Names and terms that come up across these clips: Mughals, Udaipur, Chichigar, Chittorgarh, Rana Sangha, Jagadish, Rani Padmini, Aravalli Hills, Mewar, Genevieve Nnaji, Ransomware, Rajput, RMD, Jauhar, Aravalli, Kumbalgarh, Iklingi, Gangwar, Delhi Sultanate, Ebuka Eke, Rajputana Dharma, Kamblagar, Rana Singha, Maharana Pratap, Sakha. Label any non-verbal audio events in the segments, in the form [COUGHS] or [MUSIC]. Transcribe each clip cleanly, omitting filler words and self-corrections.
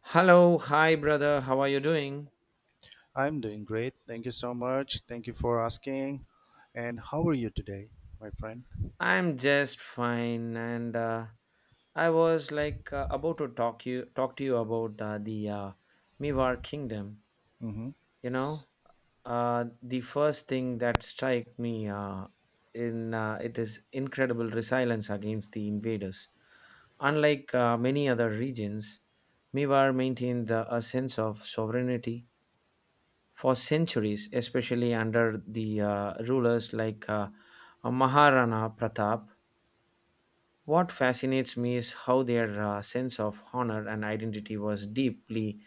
Hello, hi brother, how are you doing? I'm doing great. Thank you so much. Thank you for asking. And how are you today, my friend? I'm just fine, and I was like about to talk to you about the Mivar Kingdom. hmm You know, the first thing that strike me in it is incredible resilience against the invaders. Unlike many other regions, Mivar maintained a sense of sovereignty for centuries, especially under the rulers like Maharana Pratap. What fascinates me is how their sense of honor and identity was deeply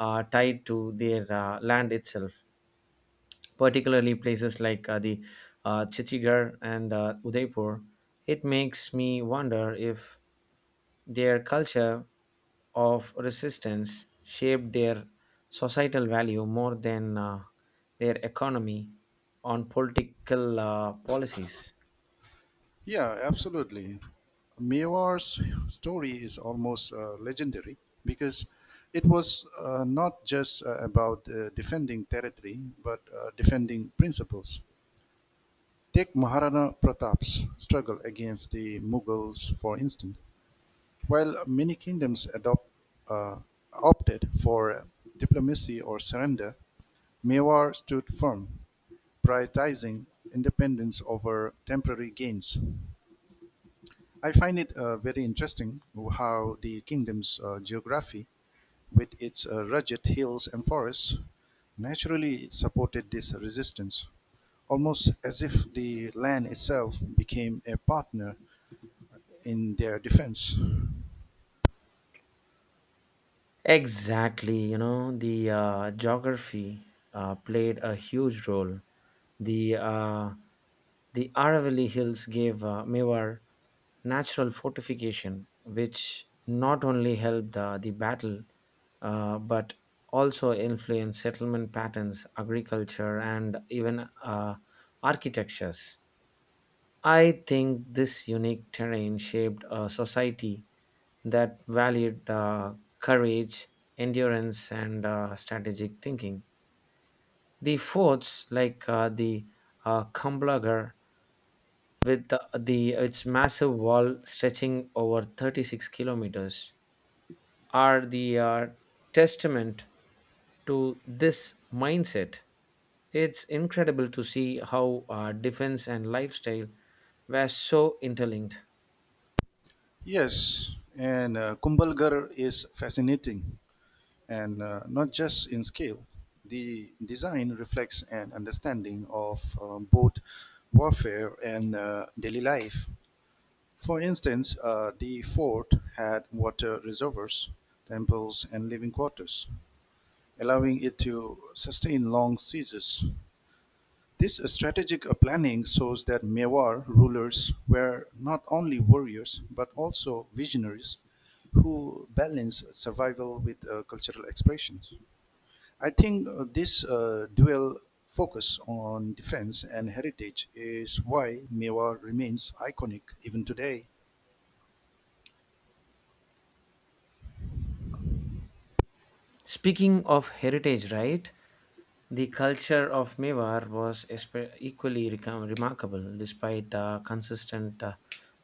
tied to their land itself, particularly places like the Chichigar and Udaipur. It makes me wonder if their culture of resistance shaped their societal value more than their economy on political policies. Yeah, absolutely. Mewar's story is almost legendary because it was not just about defending territory, but defending principles. Take Maharana Pratap's struggle against the Mughals, for instance. While many kingdoms uh, opted for diplomacy or surrender, Mewar stood firm, prioritizing independence over temporary gains. I find it very interesting how the kingdom's geography, with its rugged hills and forests, naturally supported this resistance, almost as if the land itself became a partner in their defense. Exactly, you know, the geography played a huge role. The uh, the Aravalli Hills gave Mewar natural fortification, which not only helped the battle, but also influenced settlement patterns, agriculture, and even architectures. I think this unique terrain shaped a society that valued courage, endurance, and strategic thinking. The forts like the Kamblagar with the its massive wall stretching over 36 kilometers are the testament to this mindset. It's incredible to see how defense and lifestyle were so interlinked. Yes, and Kumbalgarh is fascinating and not just in scale. The design reflects an understanding of both warfare and daily life. For instance, the fort had water reservoirs, temples, and living quarters, allowing it to sustain long sieges. This strategic planning shows that Mewar rulers were not only warriors but also visionaries who balanced survival with cultural expression. I think this dual focus on defense and heritage is why Mewar remains iconic even today. Speaking of heritage, right? The culture of Mewar was equally remarkable, despite consistent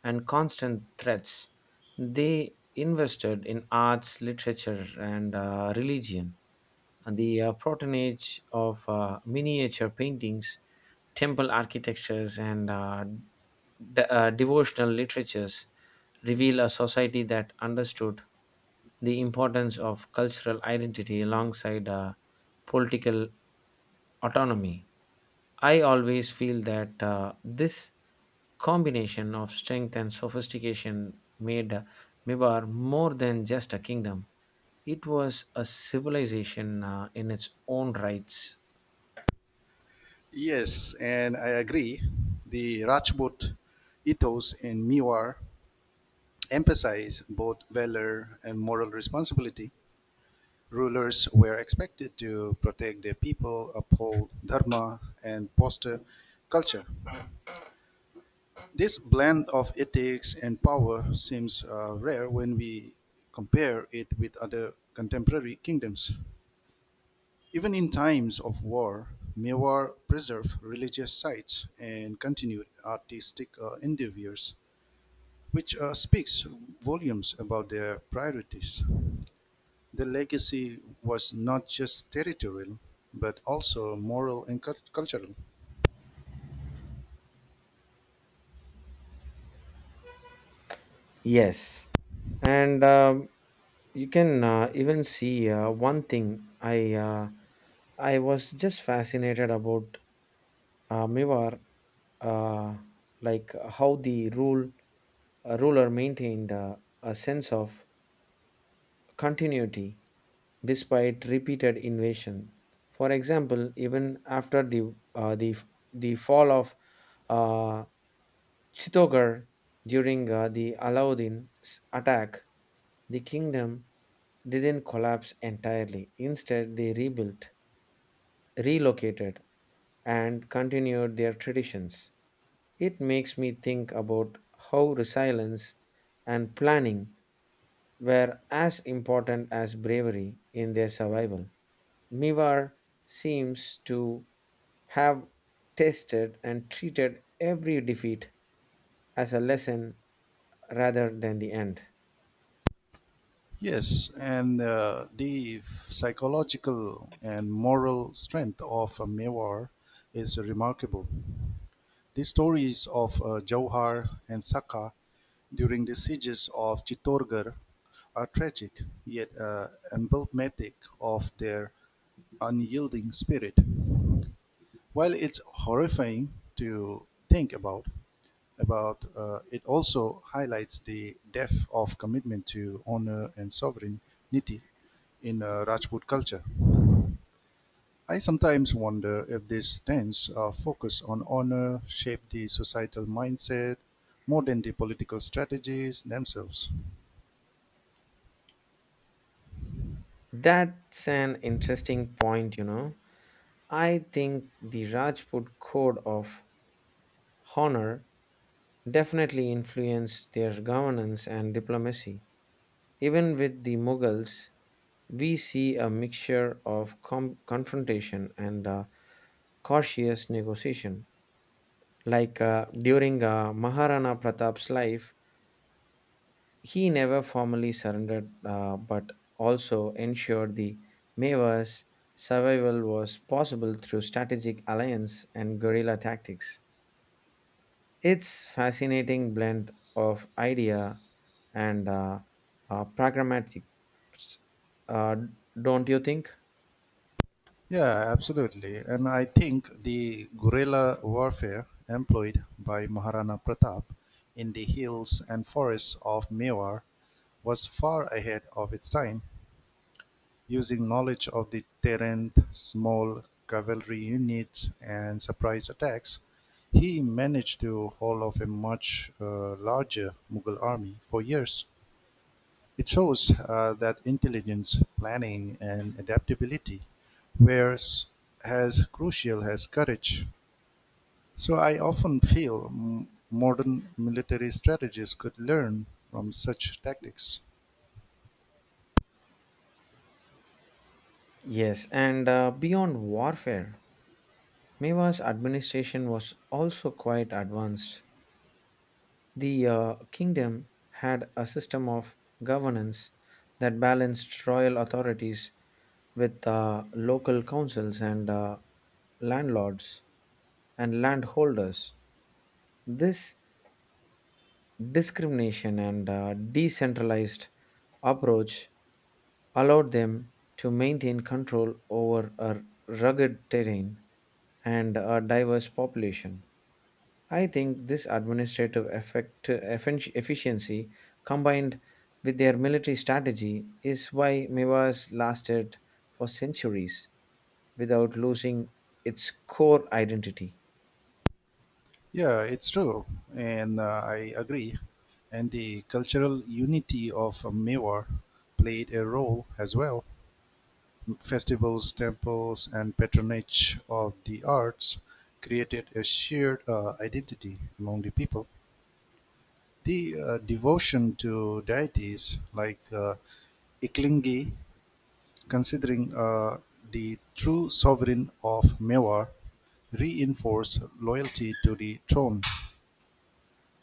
and constant threats. They invested in arts, literature, and religion. And the patronage of miniature paintings, temple architectures, and devotional literatures reveal a society that understood the importance of cultural identity alongside political autonomy. I always feel that this combination of strength and sophistication made Mibar more than just a kingdom. It was a civilization in its own rights. Yes, and I agree. The Rajput ethos in Mewar emphasize both valor and moral responsibility. Rulers were expected to protect their people, uphold dharma, and foster culture. This blend of ethics and power seems rare when we compare it with other contemporary kingdoms. Even in times of war, Mewar preserved religious sites and continued artistic endeavors, which speaks volumes about their priorities. The legacy was not just territorial, but also moral and cultural. Yes, and you can even see one thing. I was just fascinated about Mivar, uh, like how the ruler maintained a sense of continuity despite repeated invasion. For example, even after the fall of uh, Chittorgarh during the Alauddin's attack, the kingdom didn't collapse entirely. Instead, they rebuilt, relocated, and continued their traditions. It makes me think about how resilience and planning were as important as bravery in their survival. Mivar seems to have tested and treated every defeat as a lesson rather than the end. Yes, and the psychological and moral strength of Mewar is remarkable. The stories of Jauhar and Sakha during the sieges of Chittorgarh are tragic yet emblematic of their unyielding spirit. While it's horrifying to think about, it also highlights the depth of commitment to honor and sovereignty in Rajput culture. I sometimes wonder if this tense focus on honor shaped the societal mindset more than the political strategies themselves. That's an interesting point, you know. I think the Rajput code of honor definitely influenced their governance and diplomacy. Even with the Mughals, we see a mixture of confrontation and cautious negotiation. Like during Maharana Pratap's life, he never formally surrendered but also ensured the Mewa's survival was possible through strategic alliance and guerrilla tactics. It's fascinating blend of idea and pragmatic, uh, don't you think? Yeah, absolutely. And I think the guerrilla warfare employed by Maharana Pratap in the hills and forests of Mewar was far ahead of its time. Using knowledge of the terrain, small cavalry units, and surprise attacks, he managed to hold off a much larger Mughal army for years. It shows that intelligence, planning, and adaptability were as crucial as courage. So I often feel modern military strategists could learn from such tactics. Yes, and beyond warfare, Mewa's administration was also quite advanced. The kingdom had a system of governance that balanced royal authorities with local councils and landlords and landholders. This discrimination and decentralized approach allowed them to maintain control over a rugged terrain and a diverse population. I think this administrative efficiency combined with their military strategy is why Mewas lasted for centuries without losing its core identity. Yeah, it's true, and I agree. And the cultural unity of Mewar played a role as well. Festivals, temples, and patronage of the arts created a shared identity among the people. The devotion to deities like Iklingi, considering the true sovereign of Mewar, reinforce loyalty to the throne.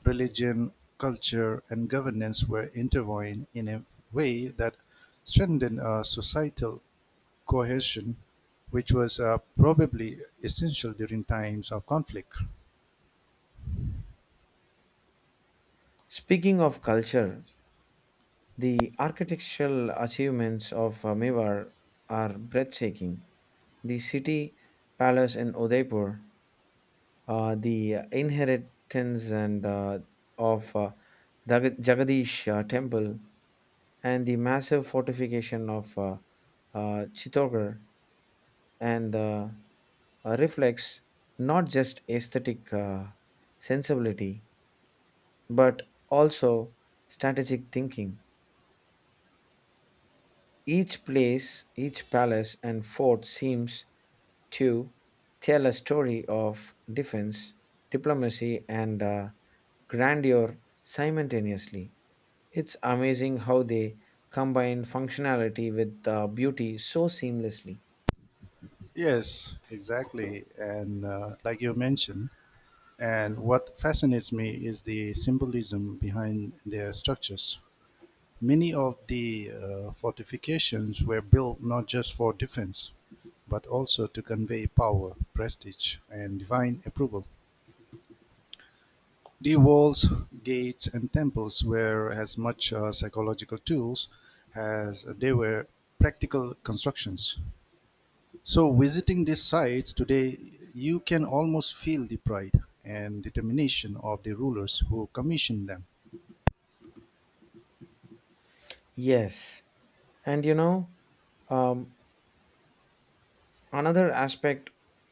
Religion, culture, and governance were intertwined in a way that strengthened a societal cohesion, which was probably essential during times of conflict. Speaking of culture, the architectural achievements of Mewar are breathtaking. The city palace in Udaipur, the inheritance and of uh, Jagadish temple, and the massive fortification of Chittorgarh and reflects not just aesthetic sensibility but also strategic thinking. Each place, each palace and fort seems to tell a story of defense, diplomacy, and grandeur simultaneously. It's amazing how they combine functionality with beauty so seamlessly. Yes, exactly. And like you mentioned, and what fascinates me is the symbolism behind their structures. Many of the fortifications were built not just for defense, but also to convey power, prestige, and divine approval. The walls, gates and temples were as much psychological tools as they were practical constructions. So visiting these sites today, you can almost feel the pride and determination of the rulers who commissioned them. Yes, and you know, um, another aspect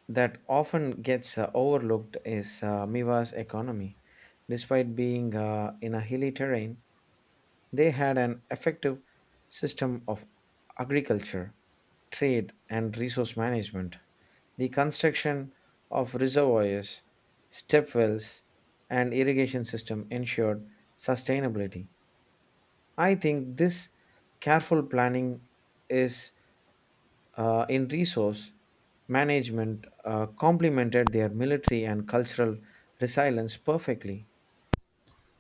that often gets overlooked is Miwa's economy. Despite being in a hilly terrain, they had an effective system of agriculture, trade, and resource management. The construction of reservoirs, step wells, and irrigation system ensured sustainability. I think this careful planning is in resource management complemented their military and cultural resilience perfectly.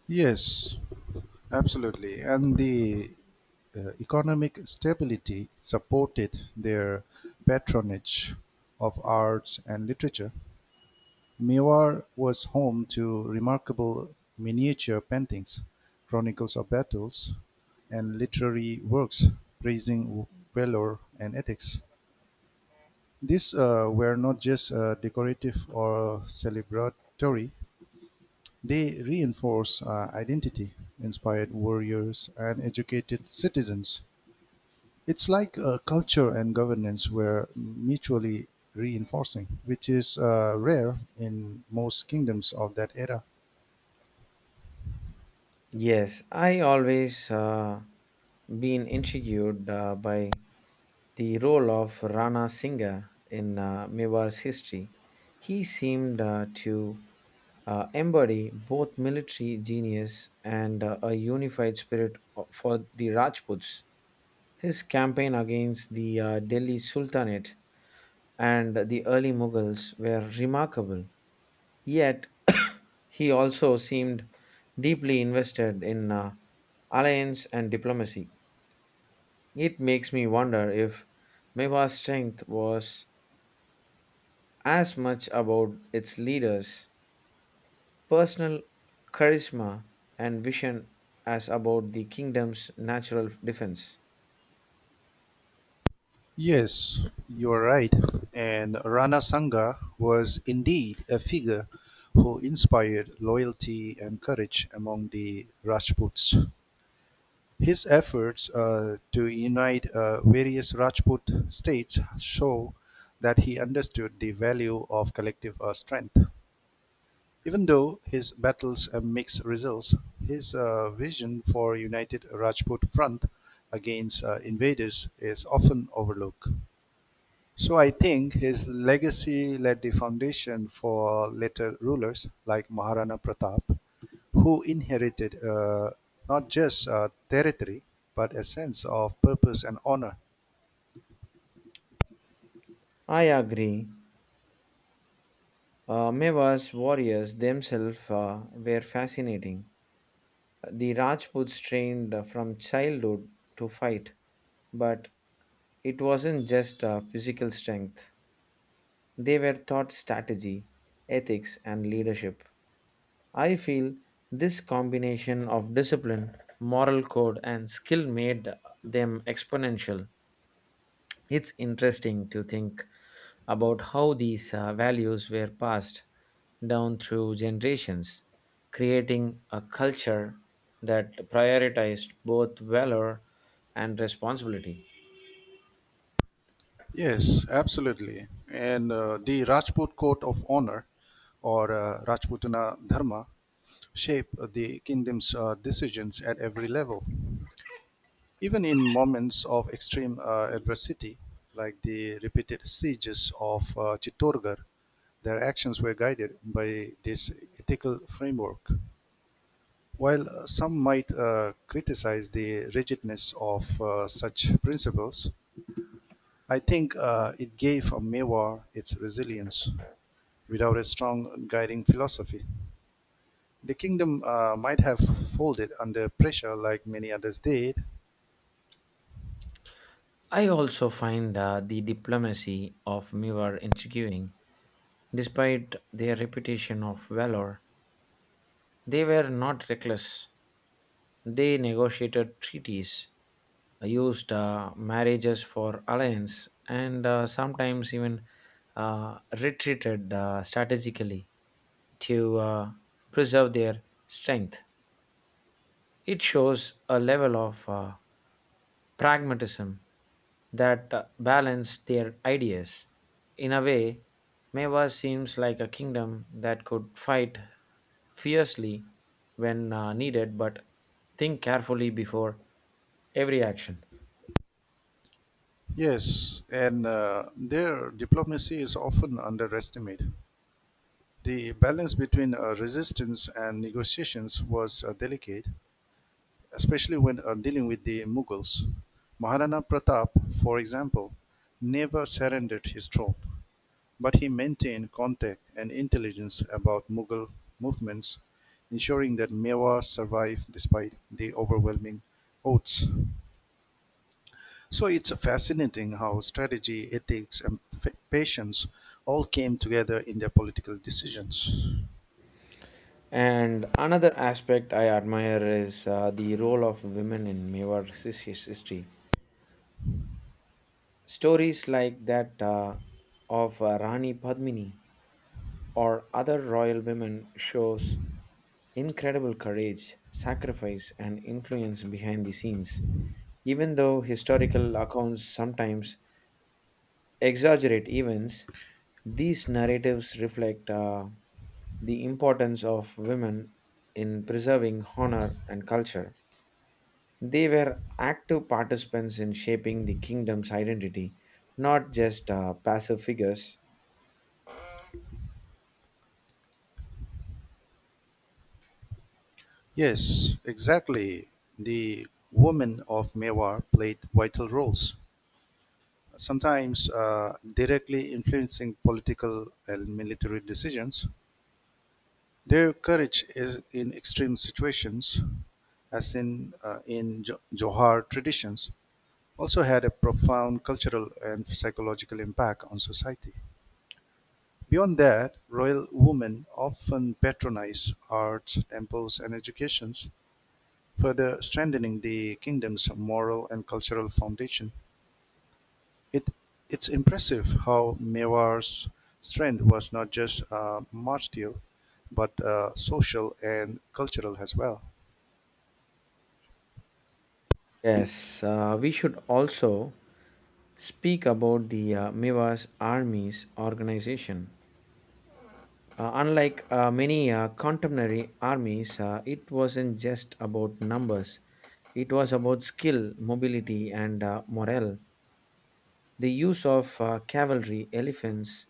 Yes, absolutely. And the economic stability supported their patronage of arts and literature. Mewar was home to remarkable miniature paintings, chronicles of battles, and literary works praising valor and ethics. These were not just decorative or celebratory, they reinforced identity, inspired warriors, and educated citizens. It's like culture and governance were mutually reinforcing, which is rare in most kingdoms of that era. Yes, I always been intrigued by the role of Rana Singha in Mewar's history. He seemed to embody both military genius and a unified spirit for the Rajputs. His campaign against the Delhi Sultanate and the early Mughals were remarkable. Yet, [COUGHS] he also seemed deeply invested in alliance and diplomacy. It makes me wonder if Mewa's strength was as much about its leader's personal charisma and vision as about the kingdom's natural defense. Yes, you are right. And Rana Sangha was indeed a figure who inspired loyalty and courage among the Rajputs. His efforts to unite various Rajput states show that he understood the value of collective strength. Even though his battles mixed results, his vision for united Rajput front against invaders is often overlooked. So I think his legacy laid the foundation for later rulers like Maharana Pratap, who inherited not just territory but a sense of purpose and honor. I agree. Mewa's warriors themselves were fascinating. The Rajputs trained from childhood to fight, but it wasn't just physical strength. They were taught strategy, ethics, and leadership. I feel this combination of discipline, moral code, and skill made them exponential. It's interesting to think about how these values were passed down through generations, creating a culture that prioritized both valor and responsibility. Yes, absolutely. And the Rajput Code of Honor or Rajputana Dharma shaped the kingdom's decisions at every level. Even in moments of extreme adversity, like the repeated sieges of Chittorgarh, their actions were guided by this ethical framework. While some might criticize the rigidness of such principles, I think it gave Mewar its resilience. Without a strong guiding philosophy, the kingdom might have folded under pressure like many others did. I also find the diplomacy of Mivar intriguing. Despite their reputation of valor, they were not reckless. They negotiated treaties, used marriages for alliance, and sometimes even retreated strategically to preserve their strength. It shows a level of pragmatism that balanced their ideas. In a way, Meva seems like a kingdom that could fight fiercely when needed but think carefully before every action. Yes, and their diplomacy is often underestimated. The balance between resistance and negotiations was delicate, especially when dealing with the Mughals. Maharana Pratap, for example, never surrendered his throne, but he maintained contact and intelligence about Mughal movements, ensuring that Mewar survived despite the overwhelming odds. So it's fascinating how strategy, ethics, and patience all came together in their political decisions. And another aspect I admire is the role of women in Mewar's history. Stories like that of Rani Padmini or other royal women shows incredible courage, sacrifice, and influence behind the scenes. Even though historical accounts sometimes exaggerate events, these narratives reflect the importance of women in preserving honor and culture. They were active participants in shaping the kingdom's identity, not just passive figures. Yes, exactly. The women of Mewar played vital roles, sometimes directly influencing political and military decisions. Their courage is in extreme situations, as in Johar traditions, also had a profound cultural and psychological impact on society. Beyond that, royal women often patronized arts, temples and educations, further strengthening the kingdom's moral and cultural foundation. It, it's impressive how Mewar's strength was not just martial, but social and cultural as well. Yes, we should also speak about the Mewas Armies organization. Unlike many contemporary armies, it wasn't just about numbers. It was about skill, mobility, and morale. The use of cavalry, elephants,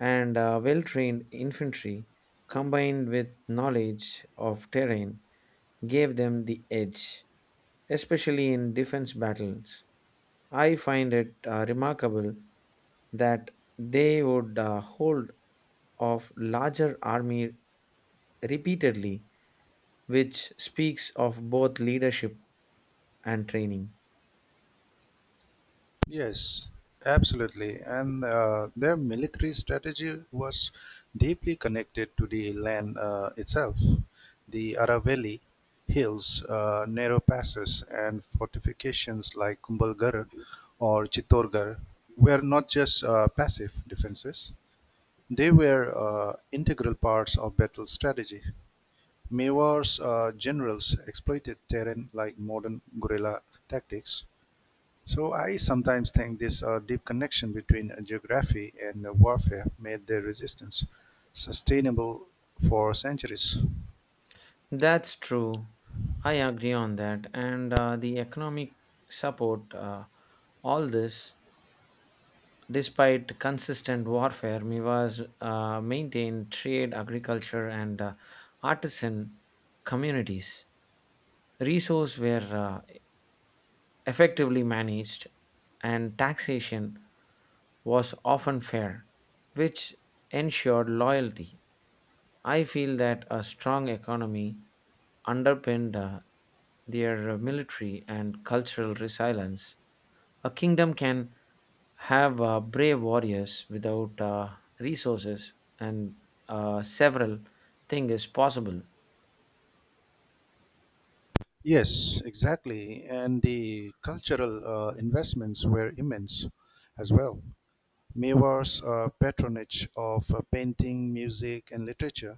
and well trained infantry, combined with knowledge of terrain, gave them the edge especially in defense battles. I find it remarkable that they would hold of larger army repeatedly, which speaks of both leadership and training. Yes, absolutely. And their military strategy was deeply connected to the land itself. The Aravalli hills, narrow passes, and fortifications like Kumbalgarh or Chittorgarh were not just passive defenses, they were integral parts of battle strategy. Mewar's generals exploited terrain like modern guerrilla tactics, so I sometimes think this deep connection between geography and warfare made the resistance sustainable for centuries. That's true. I agree on that. And the economic support, all this, despite consistent warfare, Mivas maintained trade, agriculture, and artisan communities. Resources were effectively managed, and taxation was often fair, which ensured loyalty. I feel that a strong economy underpinned their military and cultural resilience. A kingdom can have brave warriors without resources, and several things is possible. Yes, exactly. And the cultural investments were immense as well. Mewar's patronage of painting, music, and literature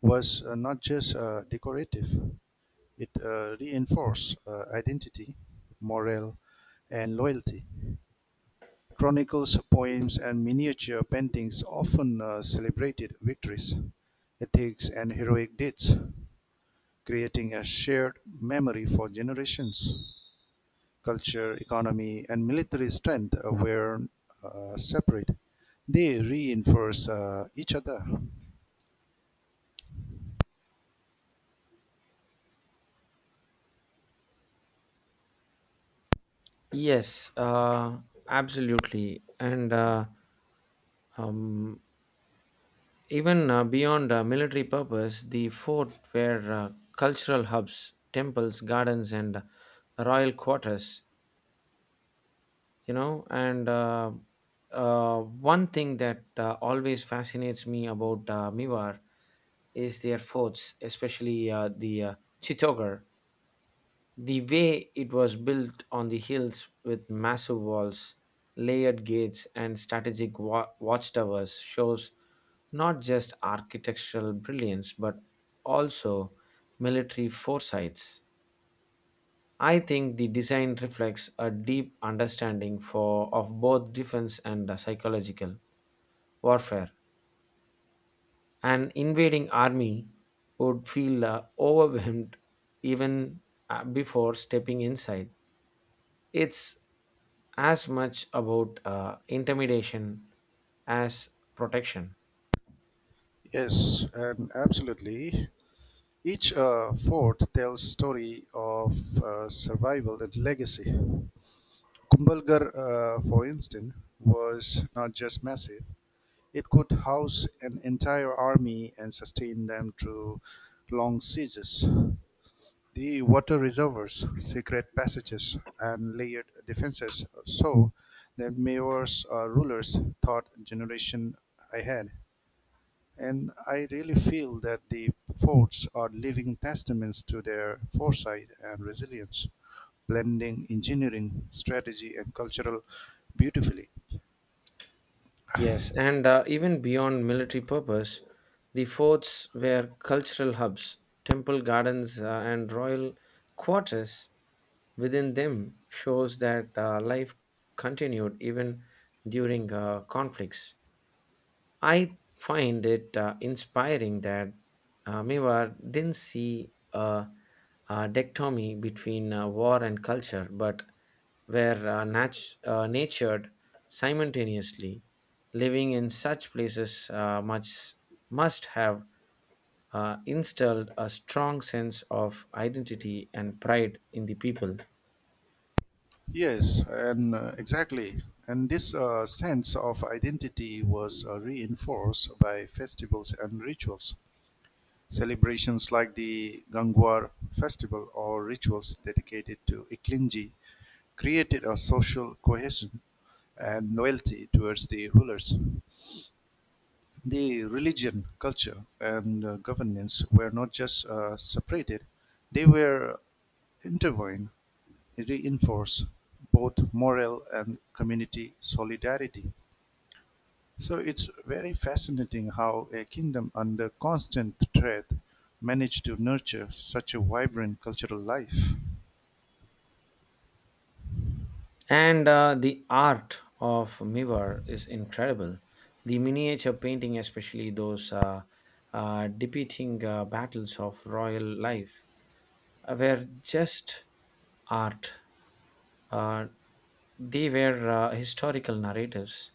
was not just decorative, it reinforced identity, morale, and loyalty. Chronicles, poems, and miniature paintings often celebrated victories, ethics, and heroic deeds, creating a shared memory for generations. Culture, economy, and military strength were separate. They reinforce each other. Yes, absolutely. And um, Even beyond military purpose, the fort were cultural hubs, temples, gardens, and royal quarters. You know, and one thing that always fascinates me about Miwar is their forts, especially the Chittogar. The way it was built on the hills with massive walls, layered gates, and strategic watchtowers shows not just architectural brilliance but also military foresights. I think the design reflects a deep understanding for of both defense and psychological warfare. An invading army would feel overwhelmed even before stepping inside. It's as much about intimidation as protection. Yes, and absolutely. Each fort tells story of survival and legacy. Kumbhalgarh, for instance, was not just massive, it could house an entire army and sustain them through long sieges. The water reservoirs, secret passages, and layered defenses so that mayors or rulers thought generation ahead. And I really feel that the forts are living testaments to their foresight and resilience, blending engineering, strategy, and cultural beautifully. Yes, and even beyond military purpose, the forts were cultural hubs, temple gardens, and royal quarters within them shows that life continued even during conflicts. I find it inspiring that Mewar didn't see a dichotomy between war and culture, but were natured simultaneously. Living in such places must have installed a strong sense of identity and pride in the people. Yes, and exactly. And this sense of identity was reinforced by festivals and rituals. Celebrations like the Gangwar festival or rituals dedicated to Iklinji created a social cohesion and loyalty towards the rulers. The religion, culture, and governance were not just separated, they were intertwined, reinforced both moral and community solidarity. So it's very fascinating how a kingdom under constant threat managed to nurture such a vibrant cultural life. And the art of Mivar is incredible. The miniature painting, especially those depicting battles of royal life, were just art. Uh, they were historical narratives.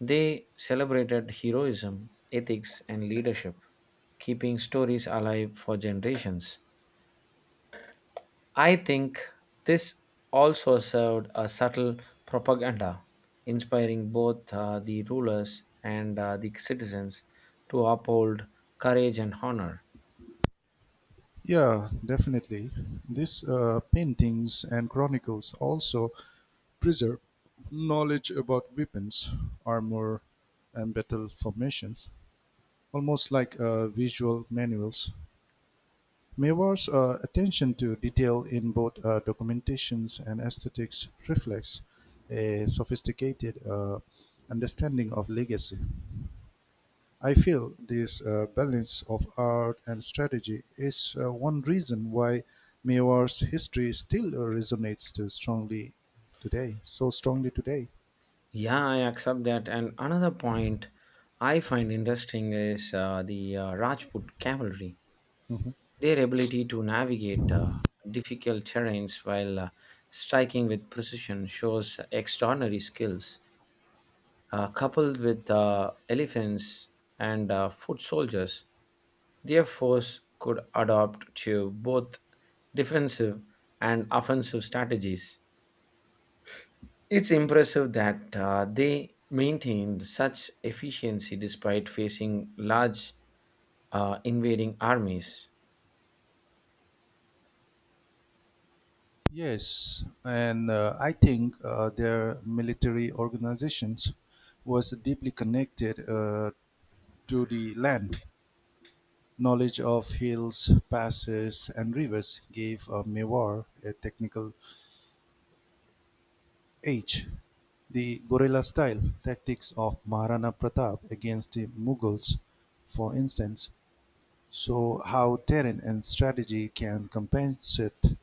They celebrated heroism, ethics, and leadership, keeping stories alive for generations. I think this also served a subtle propaganda, inspiring both the rulers and the citizens to uphold courage and honor. Yeah, definitely. These paintings and chronicles also preserve knowledge about weapons, armor, and battle formations, almost like visual manuals. Mewar's attention to detail in both documentations and aesthetics reflects a sophisticated understanding of legacy. I feel this balance of art and strategy is one reason why Mewar's history still resonates so strongly today. Yeah, I accept that. And another point I find interesting is the Rajput cavalry, Mhm. their ability to navigate difficult terrains while striking with precision shows extraordinary skills. Coupled with elephants and foot soldiers, their force could adapt to both defensive and offensive strategies. It's impressive that they maintained such efficiency despite facing large invading armies. Yes, and I think their military organizations was deeply connected to the land. Knowledge of hills, passes, and rivers gave a mewar a technical edge. The guerrilla style tactics of Maharana Pratap against the Mughals, for instance, show how terrain and strategy can compensate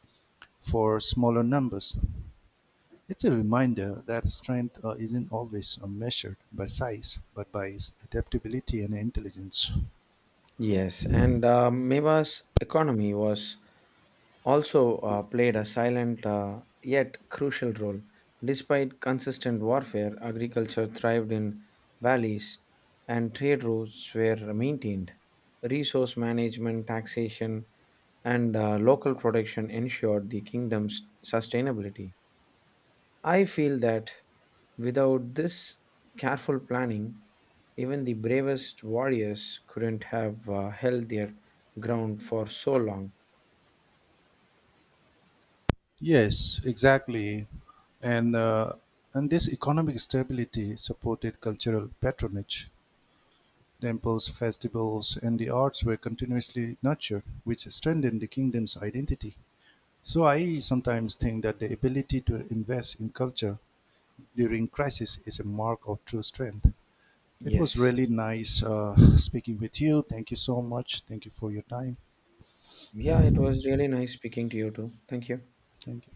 for smaller numbers. It's a reminder that strength isn't always measured by size, but by its adaptability and intelligence. Yes, and Mewa's economy was also played a silent yet crucial role. Despite consistent warfare, agriculture thrived in valleys and trade routes were maintained. Resource management, taxation, and local production ensured the kingdom's sustainability. I feel that without this careful planning, even the bravest warriors couldn't have held their ground for so long. Yes, exactly. And, uh, and this economic stability supported cultural patronage. Temples, festivals, and the arts were continuously nurtured, which strengthened the kingdom's identity. So I sometimes think that the ability to invest in culture during crisis is a mark of true strength. It was Yes. really nice [SIGHS] speaking with you. Thank you so much. Thank you for your time. Yeah, it was really nice speaking to you too. Thank you. Thank you.